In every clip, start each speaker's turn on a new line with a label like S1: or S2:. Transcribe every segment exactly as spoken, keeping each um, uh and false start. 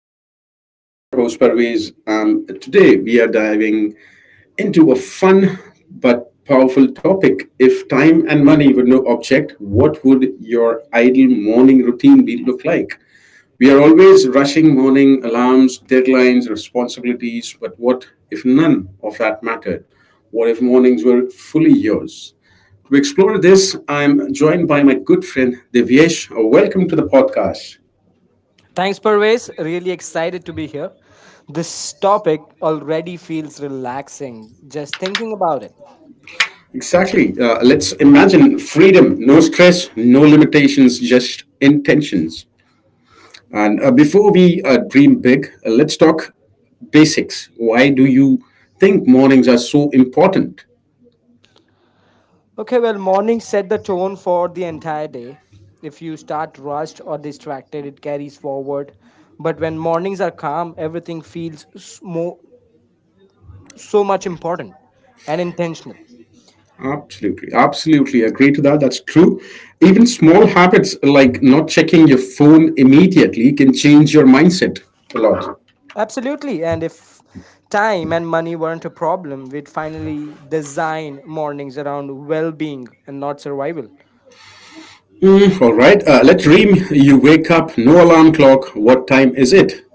S1: back to the show. I'm your host, Parvez. Um, today, we are diving into a fun but powerful topic. If time and money were no object, what would your ideal morning routine be look like? We are always rushing morning alarms, deadlines, responsibilities, but what if none of that mattered? What if mornings were fully yours? To explore this, I'm joined by my good friend Devyesh. Welcome to the podcast. Exactly. Uh, let's imagine freedom, no stress, no limitations, just intentions. And uh, before we uh, dream big, uh, let's talk basics. Why do you think mornings are so important? Absolutely, absolutely agree to that. That's true. Even small habits like not checking your phone immediately can change your mindset a lot. Mm, all right, uh, let's dream. You wake up, no alarm clock. What time is it?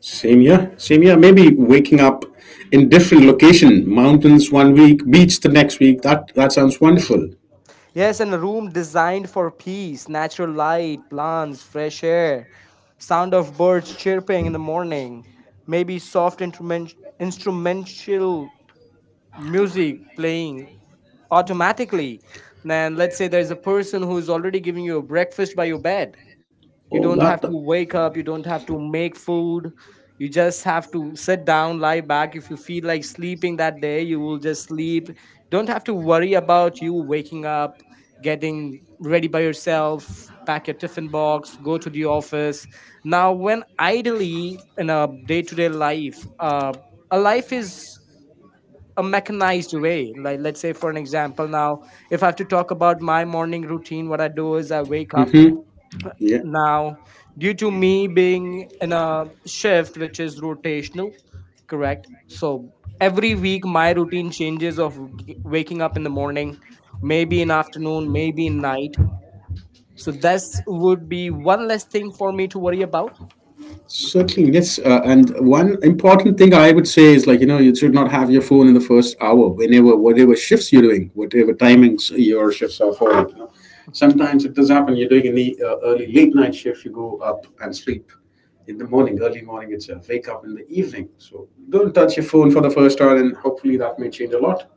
S1: Same year, same year. Maybe waking up in different location, mountains one week, beach the next week. That that sounds wonderful. Oh, that. Hmm. Yeah. Certainly, yes. Uh, and one important thing I would say is like, you know, you should not have your phone in the first hour, whenever, whatever shifts you're doing, whatever timings your shifts are for. Like, you know. Sometimes it does happen, you're doing an uh, early, late night shift, you go up and sleep in the morning, early morning itself, wake up in the evening. So don't touch your phone for the first hour, and hopefully that may change a lot.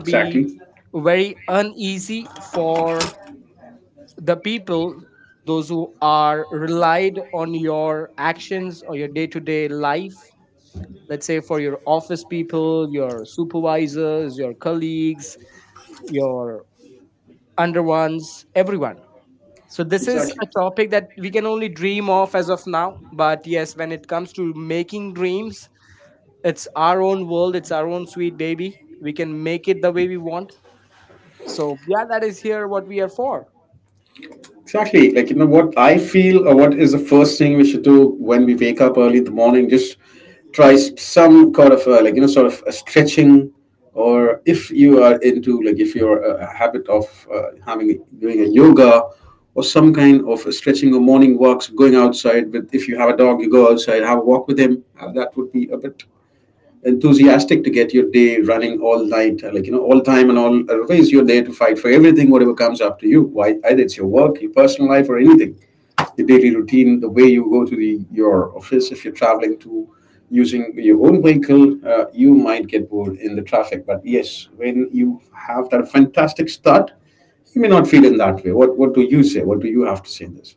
S1: Exactly. Exactly. Exactly. Like, you know, what I feel or what is the first thing we should do when we wake up early in the morning, just try s- some kind of, uh, like, you know, sort of a stretching. Or if you are into, like, if you're a a habit of uh, having, doing a yoga or some kind of a stretching or morning walks, going outside with, if you have a dog, you go outside, have a walk with him. Uh, That would be a bit enthusiastic to get your day running all night, uh, like you know, all time and all uh, ways. You're there to fight for everything, whatever comes up to you. Why, either it's your work, your personal life, or anything. Your daily routine, the way you go to the your office. If you're traveling to using your own vehicle, uh, you might get bored in the traffic. But yes, when you have that fantastic start, you may not feel in that way. What What do you say? What do you have to say in this?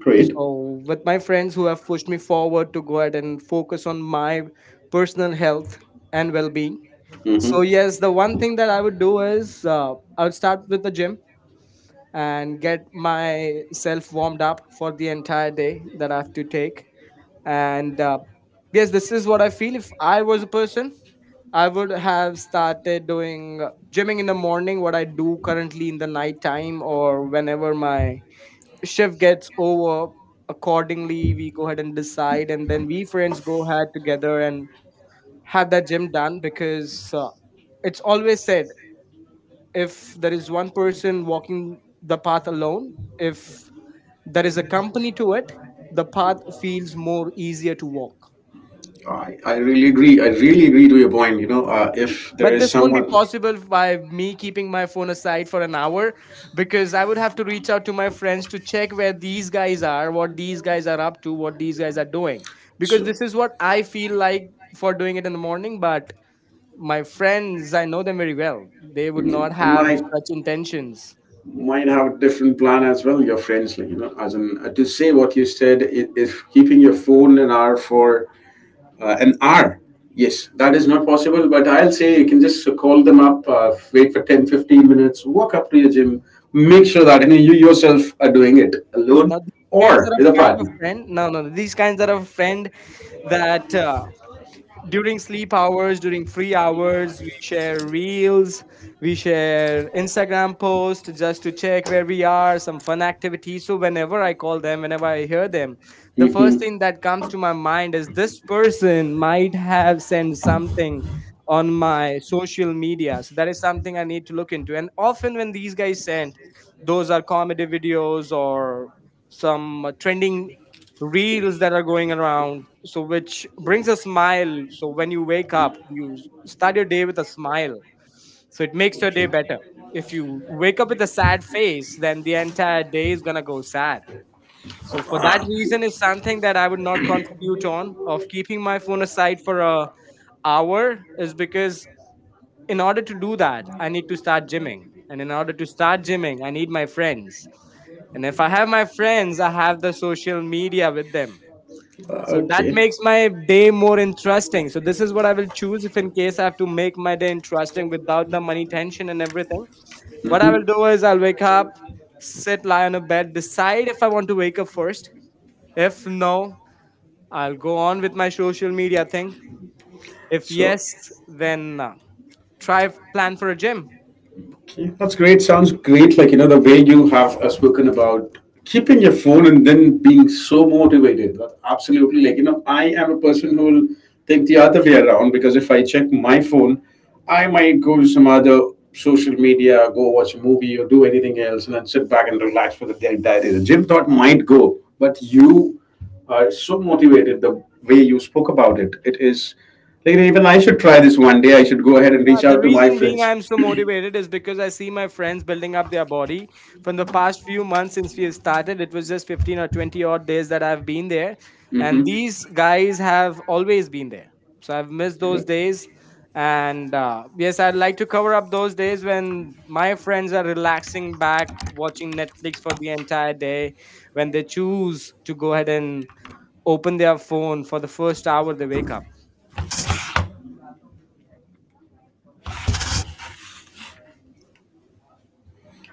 S1: Great. Mm-hmm. I, I really agree. I really agree to your point. You know, uh, if there is someone, so mm, they might might have a different plan as well. Your friends, like you know, as in uh, to say what you said, it is keeping your phone an hour for uh, an hour. Yes, that is not possible, but I'll say you can just call them up, uh, wait for ten, fifteen minutes, walk up to your gym, make sure that you, know, you yourself are doing it alone or with a partner. Hmm. Okay. Hmm. So, yeah, that's great. Sounds great. Like, you know, the way you have uh, spoken about keeping your phone and then being so motivated. That absolutely, like, you know, I am a person who will think the other way around because if I check my phone, I might go to some other social media, go watch a movie or do anything else and then sit back and relax for the day- entire day. The gym thought might go, but you are so motivated the way you spoke about it. It is like, even I should try this one day. I should go ahead and reach out to my friends. Hmm.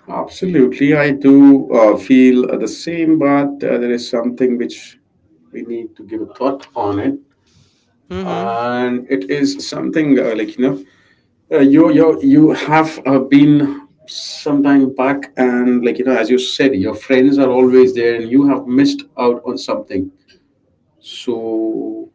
S1: Absolutely, I do uh, feel uh, the same, but uh, there is something which we need to give a thought on it, and it is something uh, like you know, uh, you you you have uh, been some time back, and like you know, as you said, your friends are always there, and you have missed out on something. So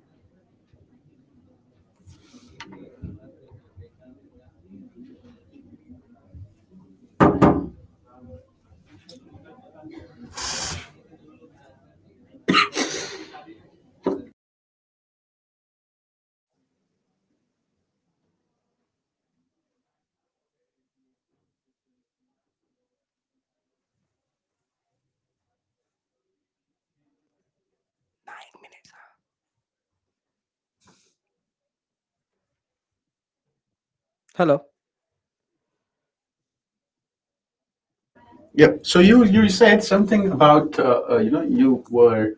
S1: yep. So you you said something about uh, uh, you know you were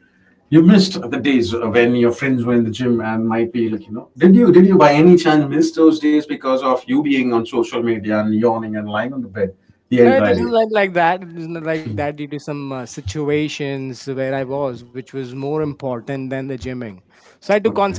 S1: you missed the days when your friends were in the gym and might be like you know did you did you by any chance miss those days because of you being on social media and yawning and lying on the bed the entire day? Okay.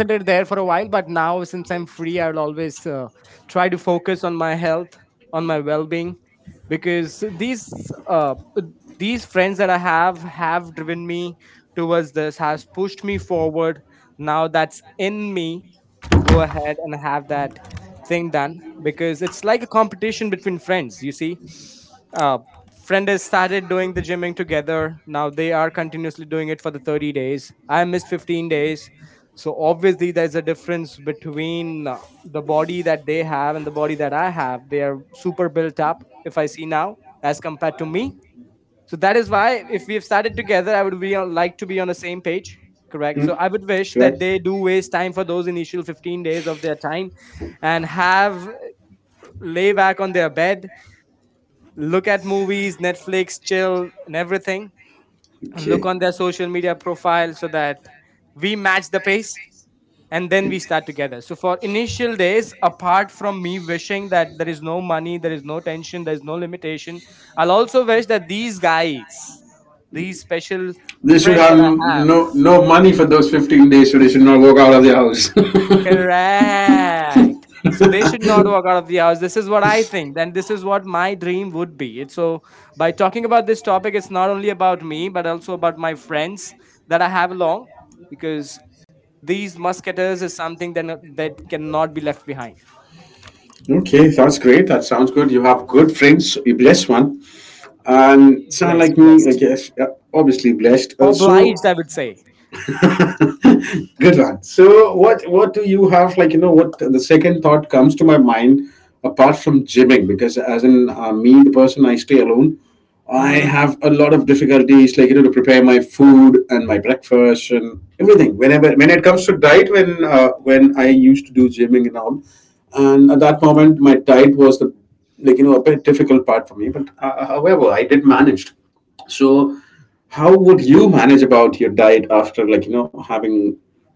S1: Mm, right. Okay. It- They should have no no money for those fifteen days, so they should not walk out of their house. Okay, that's great. That sounds good. You have good friends. You bless one. And someone like me, like yes, uh, obviously blessed. Uh, so good one. So what what do you have like you know what the second thought comes to my mind apart from gymming because as in uh, me the person I stay alone I have a lot of difficulties like you know to prepare my food and my breakfast and everything whenever when it comes to diet when uh, when I used to do gymming and all and at that moment my diet was the like you know a bit difficult part for me but uh, however I did manage so how would you manage about your diet after like you know having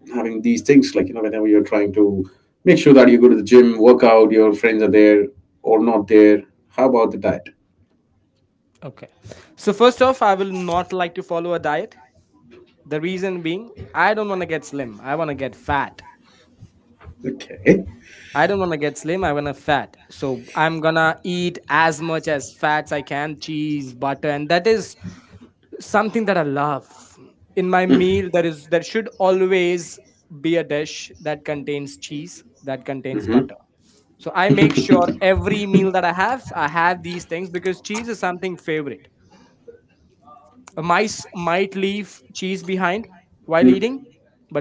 S1: having these things like you know whenever you're trying to make sure that you go to the gym work out your friends are there or not there how about the diet okay. Mm. Mhm.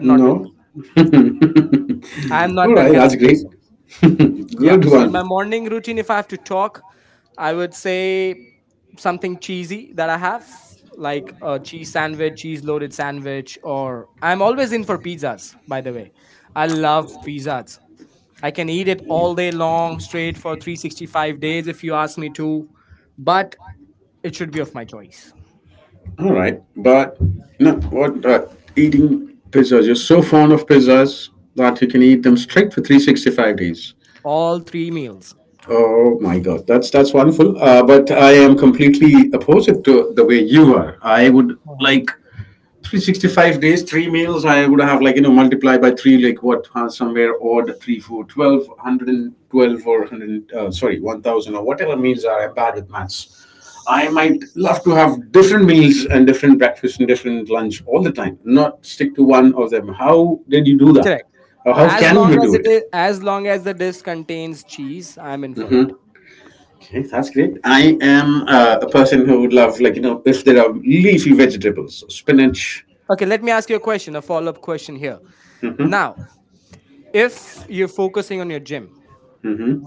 S1: No. All right, that's great. Good one. All right, but no, what uh, eating pizzas? You're so fond of pizzas that you can eat them straight for three hundred sixty-five days. Oh my God, that's that's wonderful. Uh, but I am completely opposite to the way you are. I would like three hundred sixty-five days, three meals. I would have like you know multiply by three, like what uh, somewhere odd three, four, twelve, one hundred twelve or one hundred. Uh, sorry, one thousand or whatever meals are. I'm bad with maths. I might love to have different meals and different breakfast and different lunch all the time, not stick to one of them. How did you do that? Or how can you do it? Mm-hmm. Okay, that's great. I am uh, a person who would love, like, you know, if there are leafy vegetables, so spinach. Hmm. Hmm.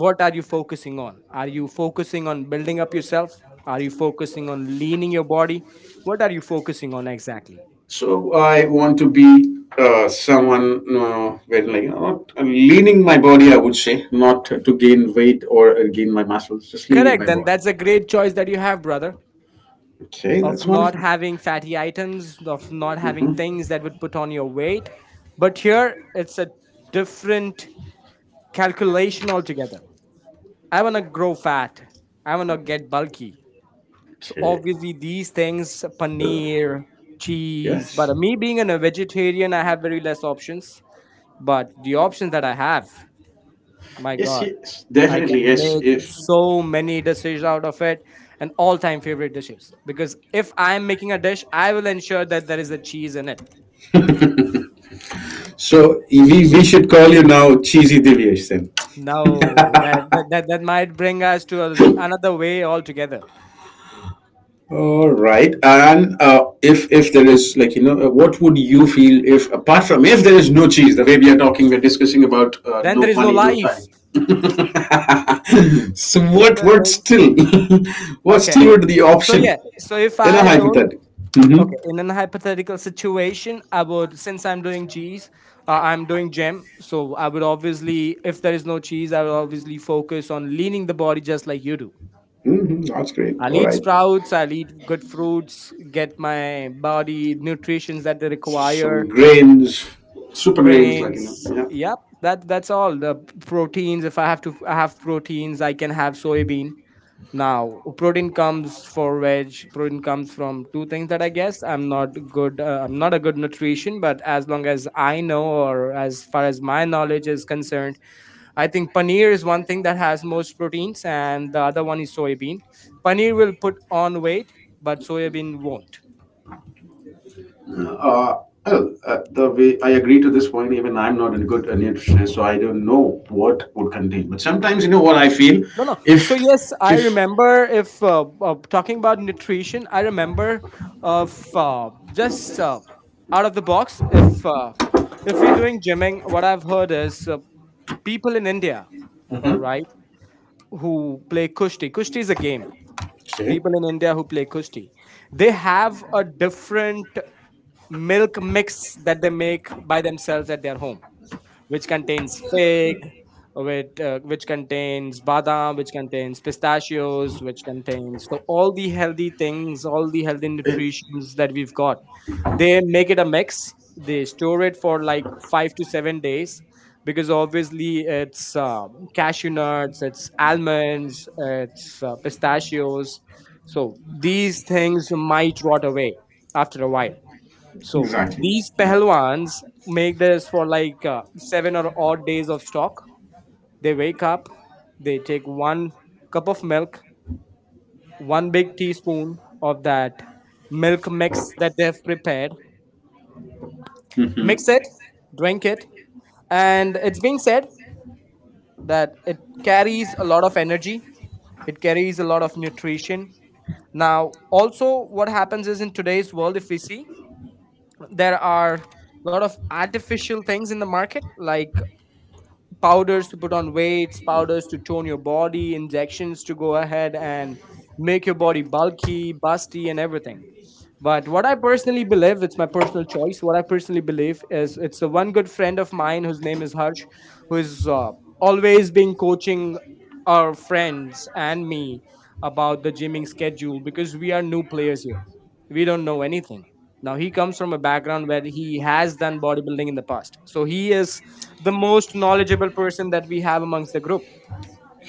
S1: So I want to be uh, someone uh, where, like, you know, not uh, leaning my body, I would say, not to gain weight or uh, gain my muscles, just leaning my body. Okay, that's wonderful. Hmm. Okay. Uh, yes. Yes, yes. Definitely, yes, yes. So we, we should call you now Cheesy Divyesh then. All right, and uh, if if there is like you know, uh, what would you feel if apart from if there is no cheese, the way we are talking, we're discussing about uh, no money, no time. So what what still what still would the option in a hypothetical? Hmm. Hmm. That's great. All right, some grains, super grains, like you know, yeah. Uh, well, uh, the way I agree to this point, even I'm not a good uh, nutritionist, so I don't know what would contain. But sometimes, you know what I feel, if if Mhm. Okay, Eh, exactly. Mhm.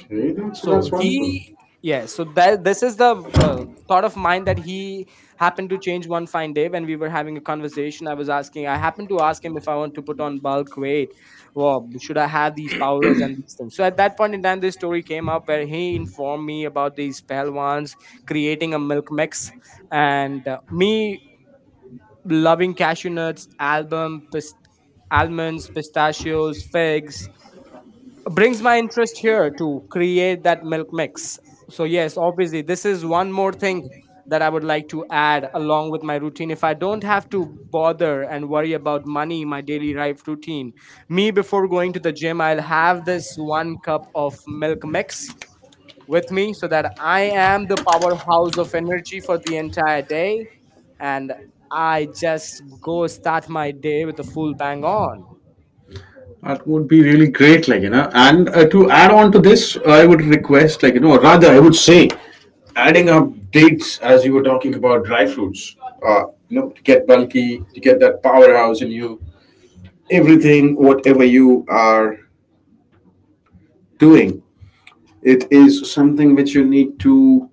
S1: Okay, that's, that's wonderful. That would be really great, like you know. And uh, to add on to this, I would request, like you know, or rather, I would say, adding up dates as you were talking about dry fruits. Uh, you know, to get bulky, to get that powerhouse in you. Everything whatever you are doing it is something which you need to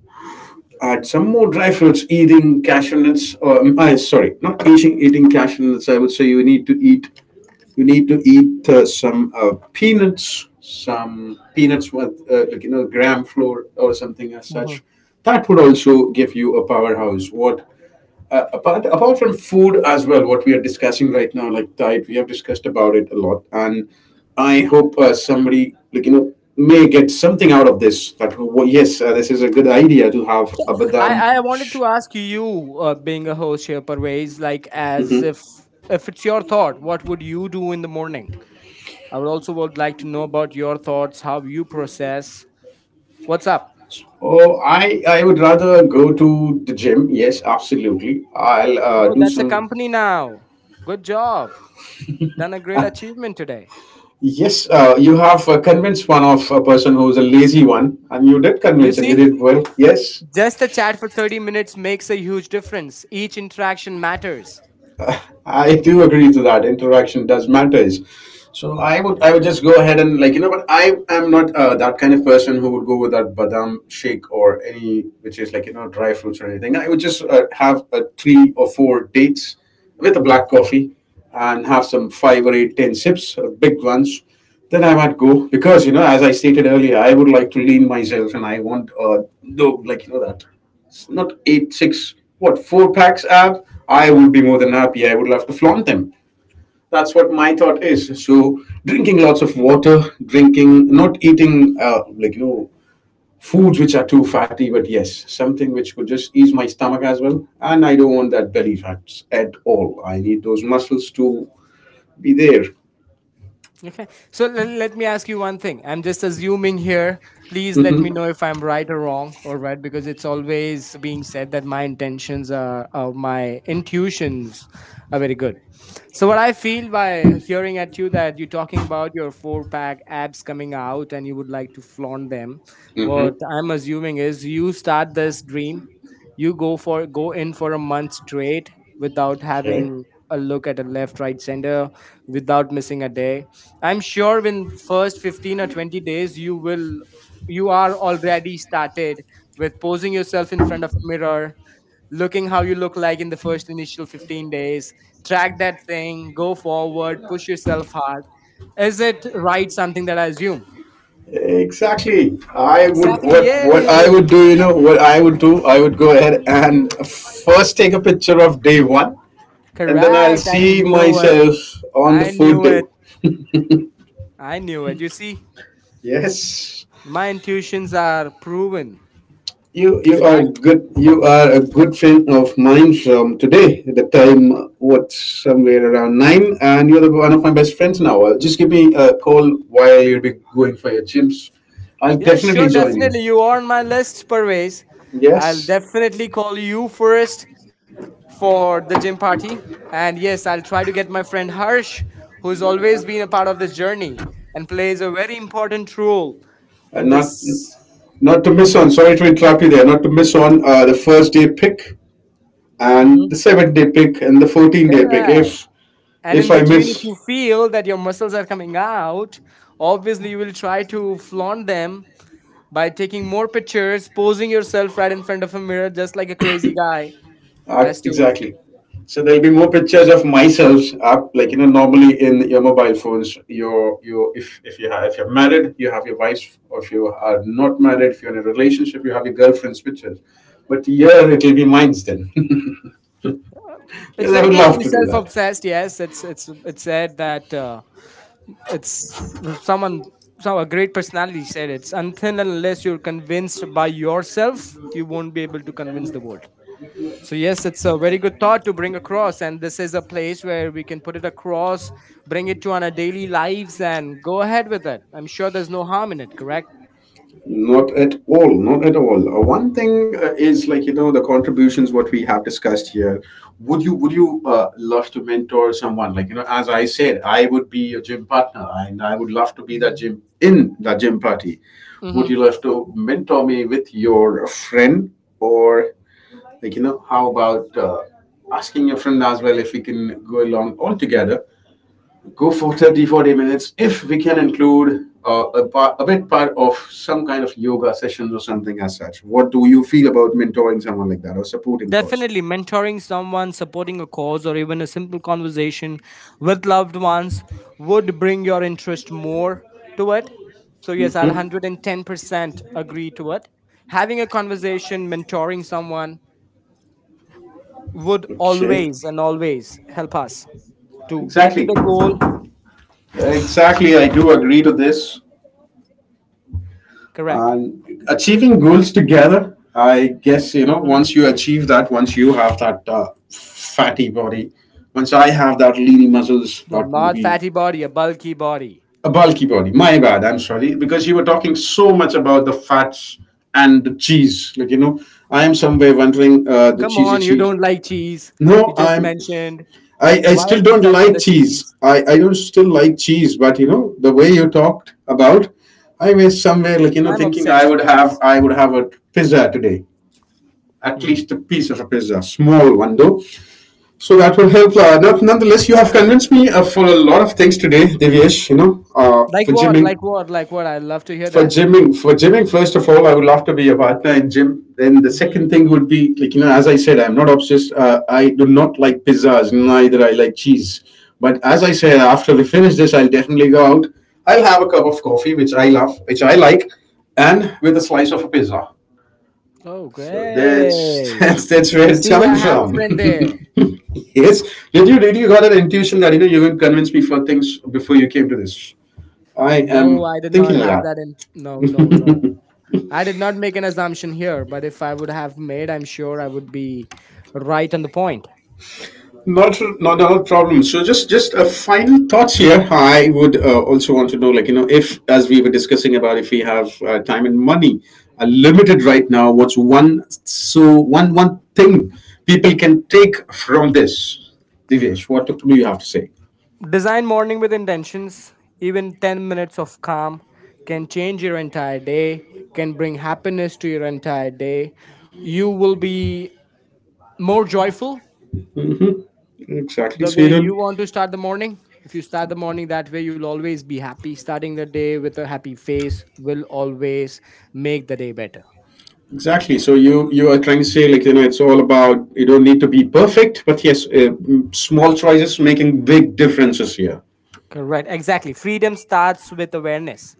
S1: add some more dry fruits eating cashew nuts or um, I, sorry not eating eating cashew nuts I would say you need to eat you need to eat uh, some uh, peanuts some peanuts with uh, like you know gram flour or something as such
S2: Mhm.
S1: that would also give you a powerhouse what. Uh, apart apart from food as well, what we are discussing right now, like diet, we have discussed about it a lot, and I hope uh, somebody like you know may get something out of this. That well, yes, uh, this is a good idea to have a badam.
S2: I, I wanted to ask you, uh, being a host here, Parvez, like as
S1: Hmm.
S2: if if it's your thought, what would you do in the morning? I would also would like to know about your thoughts, how you process. What's up?
S1: Oh, I I would rather go to the gym. Yes, absolutely. I'll uh,
S2: Oh,
S1: do
S2: that's a
S1: some.
S2: company now. Good job. Done a great achievement today.
S1: Yes, uh, you have uh, convinced one of a person who's a lazy one, and you did
S2: You
S1: convince, and you
S2: see,
S1: did well. Yes,
S2: just a chat for thirty minutes makes a huge difference. Each interaction matters.
S1: I do agree to that. Interaction does matters. So I would I would just go ahead and like you know, but I am not uh, that kind of person who would go with that badam shake or any which is like you know dry fruits or anything. I would just uh, have uh, three or four dates with a black coffee, and have some five or eight ten sips, uh, big ones. Then I might go because, you know, as I stated earlier, I would like to lean myself, and I want uh, no, like, you know, that not eight, six, what, four packs app, I would be more than happy. I would love to flaunt them. That's what my thought is. So, drinking lots of water, drinking, not eating, uh, like, you know, foods which are too fatty, but yes, something which could just ease my stomach as well. And I don't want that belly fat at all. I need those muscles to be there.
S2: Okay. So l- let me ask you one thing. I'm just assuming here. Please let me
S1: Mm-hmm.
S2: know if I'm right or wrong or right because it's always being said that my intentions are, or my intuitions are very good. So what I feel by hearing at you that you're talking about your four pack abs coming out and you would like to flaunt them.
S1: Mm-hmm.
S2: What I'm assuming is you start this dream, you go for go in for a month straight without
S1: Okay.
S2: having a look at a left, right, center, without missing a day. I'm sure in first fifteen or twenty days you will you are already started with posing yourself in front of a mirror, looking how you look like in the first initial fifteen days, track that thing, go forward, push yourself hard. Is it right something that I assume?
S1: Exactly. I would,
S2: Exactly.
S1: what what I would
S2: Yay!
S1: do, you know, what I would do, I would go ahead and first take a picture of day one, and then I'll
S2: Correct. I
S1: see
S2: knew it.
S1: myself on the
S2: I
S1: fourth
S2: knew
S1: day.
S2: it. I knew it. You see,
S1: Yes,
S2: my intuitions are proven
S1: you
S2: to
S1: you
S2: be
S1: are
S2: right.
S1: good. You are a good friend of mine from today. The time uh, what somewhere around nine, and you're the, one of my best friends now. Uh, just give me a call while you'll be going for your gyms. I'll
S2: Yeah,
S1: definitely
S2: sure,
S1: join you.
S2: definitely. You are on my list, Parvez. I'll
S1: Yes,
S2: definitely call you first for the gym party. And yes, I'll try to get my friend Harsh, who's always been a part of this journey and plays a very important role
S1: uh,
S2: in
S1: not
S2: this.
S1: not to miss on, sorry to interrupt you there, not to miss on uh, the first day pick and the
S2: Mhm.
S1: seventh day pick and the fourteen day pick.
S2: Correct.
S1: If
S2: And
S1: if
S2: in
S1: I
S2: between, if
S1: miss,
S2: you feel that your muscles are coming out, obviously you will try to flaunt them by taking more pictures, posing yourself right in front of a mirror, just like a crazy guy,
S1: uh,
S2: as to.
S1: exactly. So there'll be more pictures of myself, uh, like you know, normally in your mobile phones. Your your if if you have, if you're married, you have your wife, or if you are not married, if you're in a relationship, you have your girlfriend's pictures. But here it'll be mine's then.
S2: It's
S1: Because I
S2: very
S1: would
S2: good to
S1: love
S2: be
S1: to do that.
S2: self-obsessed. Yes, it's it's it's said that uh, it's someone some a great personality said it's until and unless you're convinced by yourself, you won't be able to convince the world. So yes, it's a very good thought to bring across, and this is a place where we can put it across, bring it to on our daily lives, and go ahead with it. I'm sure there's no harm in it. Correct?
S1: Not at all. Not at all. Uh, one thing uh, is, like, you know, the contributions what we have discussed here. Would you would you uh, love to mentor someone? Like, you know, as I said, I would be a gym partner, and I would love to be that gym in that gym party. Would
S2: Hmm.
S1: you love to mentor me with your friend, or, like, you know, how about uh, asking your friend as well if we can go along all together? Go for thirty, forty minutes if we can include uh, a, part, a bit part of some kind of yoga sessions or something as such. What do you feel about mentoring someone like that, or supporting? Because
S2: Definitely, mentoring someone, supporting a cause, or even a simple conversation with loved ones would bring your interest more to it. So, yes, I'll
S1: mm-hmm.
S2: one hundred ten percent agree to it. Having a conversation, mentoring someone would
S1: Okay.
S2: always and always help us to get to
S1: Exactly.
S2: the goal.
S1: Exactly, I do agree to this.
S2: Correct.
S1: And achieving goals together, I guess, you know,
S2: Hmm.
S1: once you achieve that, once you have that uh, fatty body, once I have that leany muscles,
S2: No,
S1: that would
S2: not
S1: be
S2: fatty body, a bulky body.
S1: a bulky body. My bad. I'm sorry because you were talking so much about the fats and the cheese. Like, you know, I am somewhere wondering uh, the
S2: Come
S1: cheesy
S2: on, you
S1: cheese.
S2: don't like cheese. You
S1: No,
S2: just
S1: I'm.
S2: mentioned,
S1: I, I
S2: why are
S1: still
S2: you
S1: don't
S2: stuck on
S1: like
S2: the
S1: cheese.
S2: cheese?
S1: I I don't still like cheese, but you know the way you talked about, I was somewhere, like, you know,
S2: I'm
S1: thinking I
S2: obsessed
S1: would
S2: with
S1: have,
S2: cheese.
S1: I would have a pizza today. At
S2: Mhm.
S1: least a piece of a pizza, small one though. So that will help. Uh, not, Nonetheless, you have convinced me uh, for a lot of things today, Divyesh. You know, uh,
S2: Like
S1: for
S2: what?
S1: gymming
S2: Like what? Like what? I'd love to hear
S1: for
S2: that.
S1: gymming for gymming, first of all, I would love to be a partner in gym. Then the second
S2: Hmm.
S1: thing would be, like, you know, as I said, I'm not obsessed. uh, I do not like pizzas, neither I like cheese, but as I said, after we finish this, I'll definitely go out. I'll have a cup of coffee, which I love, which I like, and with a slice of a pizza.
S2: Oh,
S1: So that's
S2: great.
S1: that's, that's
S2: You
S1: where it's
S2: see, I
S1: coming
S2: have a
S1: from.
S2: friend there.
S1: Yes, did you did you got an intuition that, you know, you are going to convince me for things before you came to this? I
S2: No,
S1: am
S2: I did not
S1: thinking like
S2: have
S1: that.
S2: that in. No, no, no. I did not make an assumption here, but if I would have made, I'm sure I would be right on the point.
S1: Not not a problem. So just just a final thoughts here. I would uh, also want to know, like, you know, if, as we were discussing about, if we have uh, time and money are limited right now, what's one, so one one thing people can take from this, Divesh? What do you have to say?
S2: Design morning with intentions. Even ten minutes of calm can change your entire day, can bring happiness to your entire day. You will be more joyful,
S1: Hmm. Exactly.
S2: the
S1: So you
S2: way you
S1: don't.
S2: want to start the morning. If you start the morning that way, you'll always be happy. Starting the day with a happy face will always make the day better.
S1: Exactly. So you you are trying to say, like, you know, it's all about you don't need to be perfect, but yes, uh, mm, small choices making big differences here.
S2: Correct. Exactly. Freedom starts with awareness.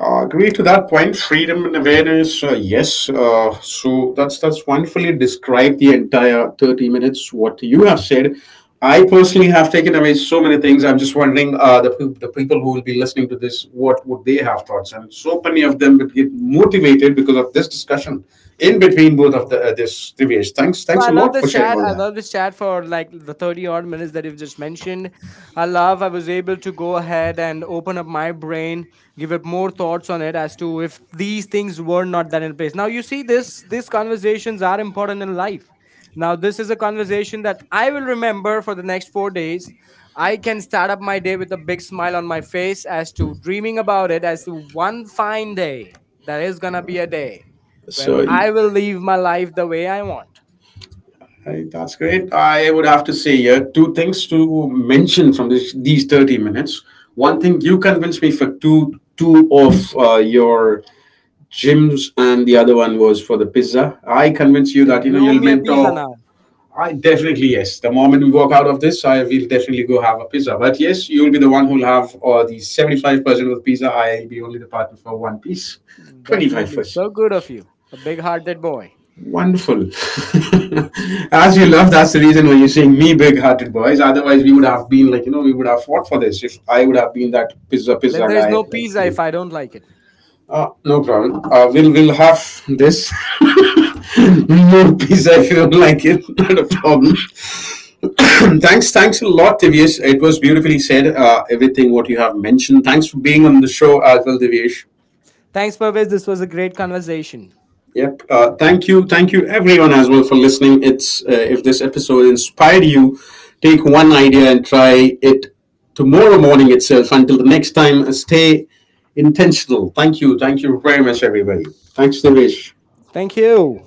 S1: Uh, agree to that point. Freedom and awareness, uh, yes. Uh, so that's that's wonderfully described the entire thirty minutes. What you have said, I personally have taken away so many things. I'm just wondering uh, the peop- the people who will be listening to this, what would they have thoughts? And so many of them would get motivated because of this discussion in between both of the uh, this Divesh. Thanks,
S2: So
S1: thanks
S2: I
S1: a
S2: love
S1: lot for
S2: this
S1: sharing
S2: chat.
S1: all
S2: I
S1: that.
S2: love this chat for like the thirty odd minutes that you've just mentioned. I love I was able to go ahead and open up my brain, give it more thoughts on it as to if these things were not that in place. Now you see this these conversations are important in life. Now this is a conversation that I will remember for the next four days. I can start up my day with a big smile on my face as to dreaming about it as to one fine day there is going to be a day where
S1: So.
S2: I will live my life the way I want.
S1: Right, that's great. I would have to say uh, two things to mention from this, these thirty minutes. One thing you convinced me for two two of uh, your gyms, and the other one was for the pizza. I convinced you
S2: Say,
S1: that, you know,
S2: you owe
S1: you'll
S2: me a pizza
S1: mentor.
S2: now.
S1: I definitely yes. The moment we walk out of this, I will definitely go have a pizza. But yes, you'll be the one who'll have uh, the seventy-five percent of the pizza. I'll be only the partner for one piece,
S2: Definitely.
S1: twenty-five percent.
S2: So good of you. A big hearted boy.
S1: Wonderful. As you love, that's the reason why you're saying me, big hearted boys. Otherwise, we would have been like, you know, we would have fought for this if I would have been that pizza
S2: Then
S1: pizza
S2: there is
S1: guy.
S2: no
S1: Like,
S2: pizza if
S1: you.
S2: I don't like it.
S1: Uh, no problem. Uh, we'll, we'll have this. More pizza if you don't like it. Not a problem. thanks, thanks a lot, Divyesh. It was beautifully said, uh, everything what you have mentioned. Thanks for being on the show as well, Divyesh.
S2: Thanks, Pervez. This was a great conversation.
S1: Yep. Uh, thank you. Thank you, everyone, as well, for listening. It's uh, if this episode inspired you, take one idea and try it tomorrow morning itself. Until the next time, stay intentional. Thank you. Thank you very much, everybody. Thanks, Devesh.
S2: Thank you.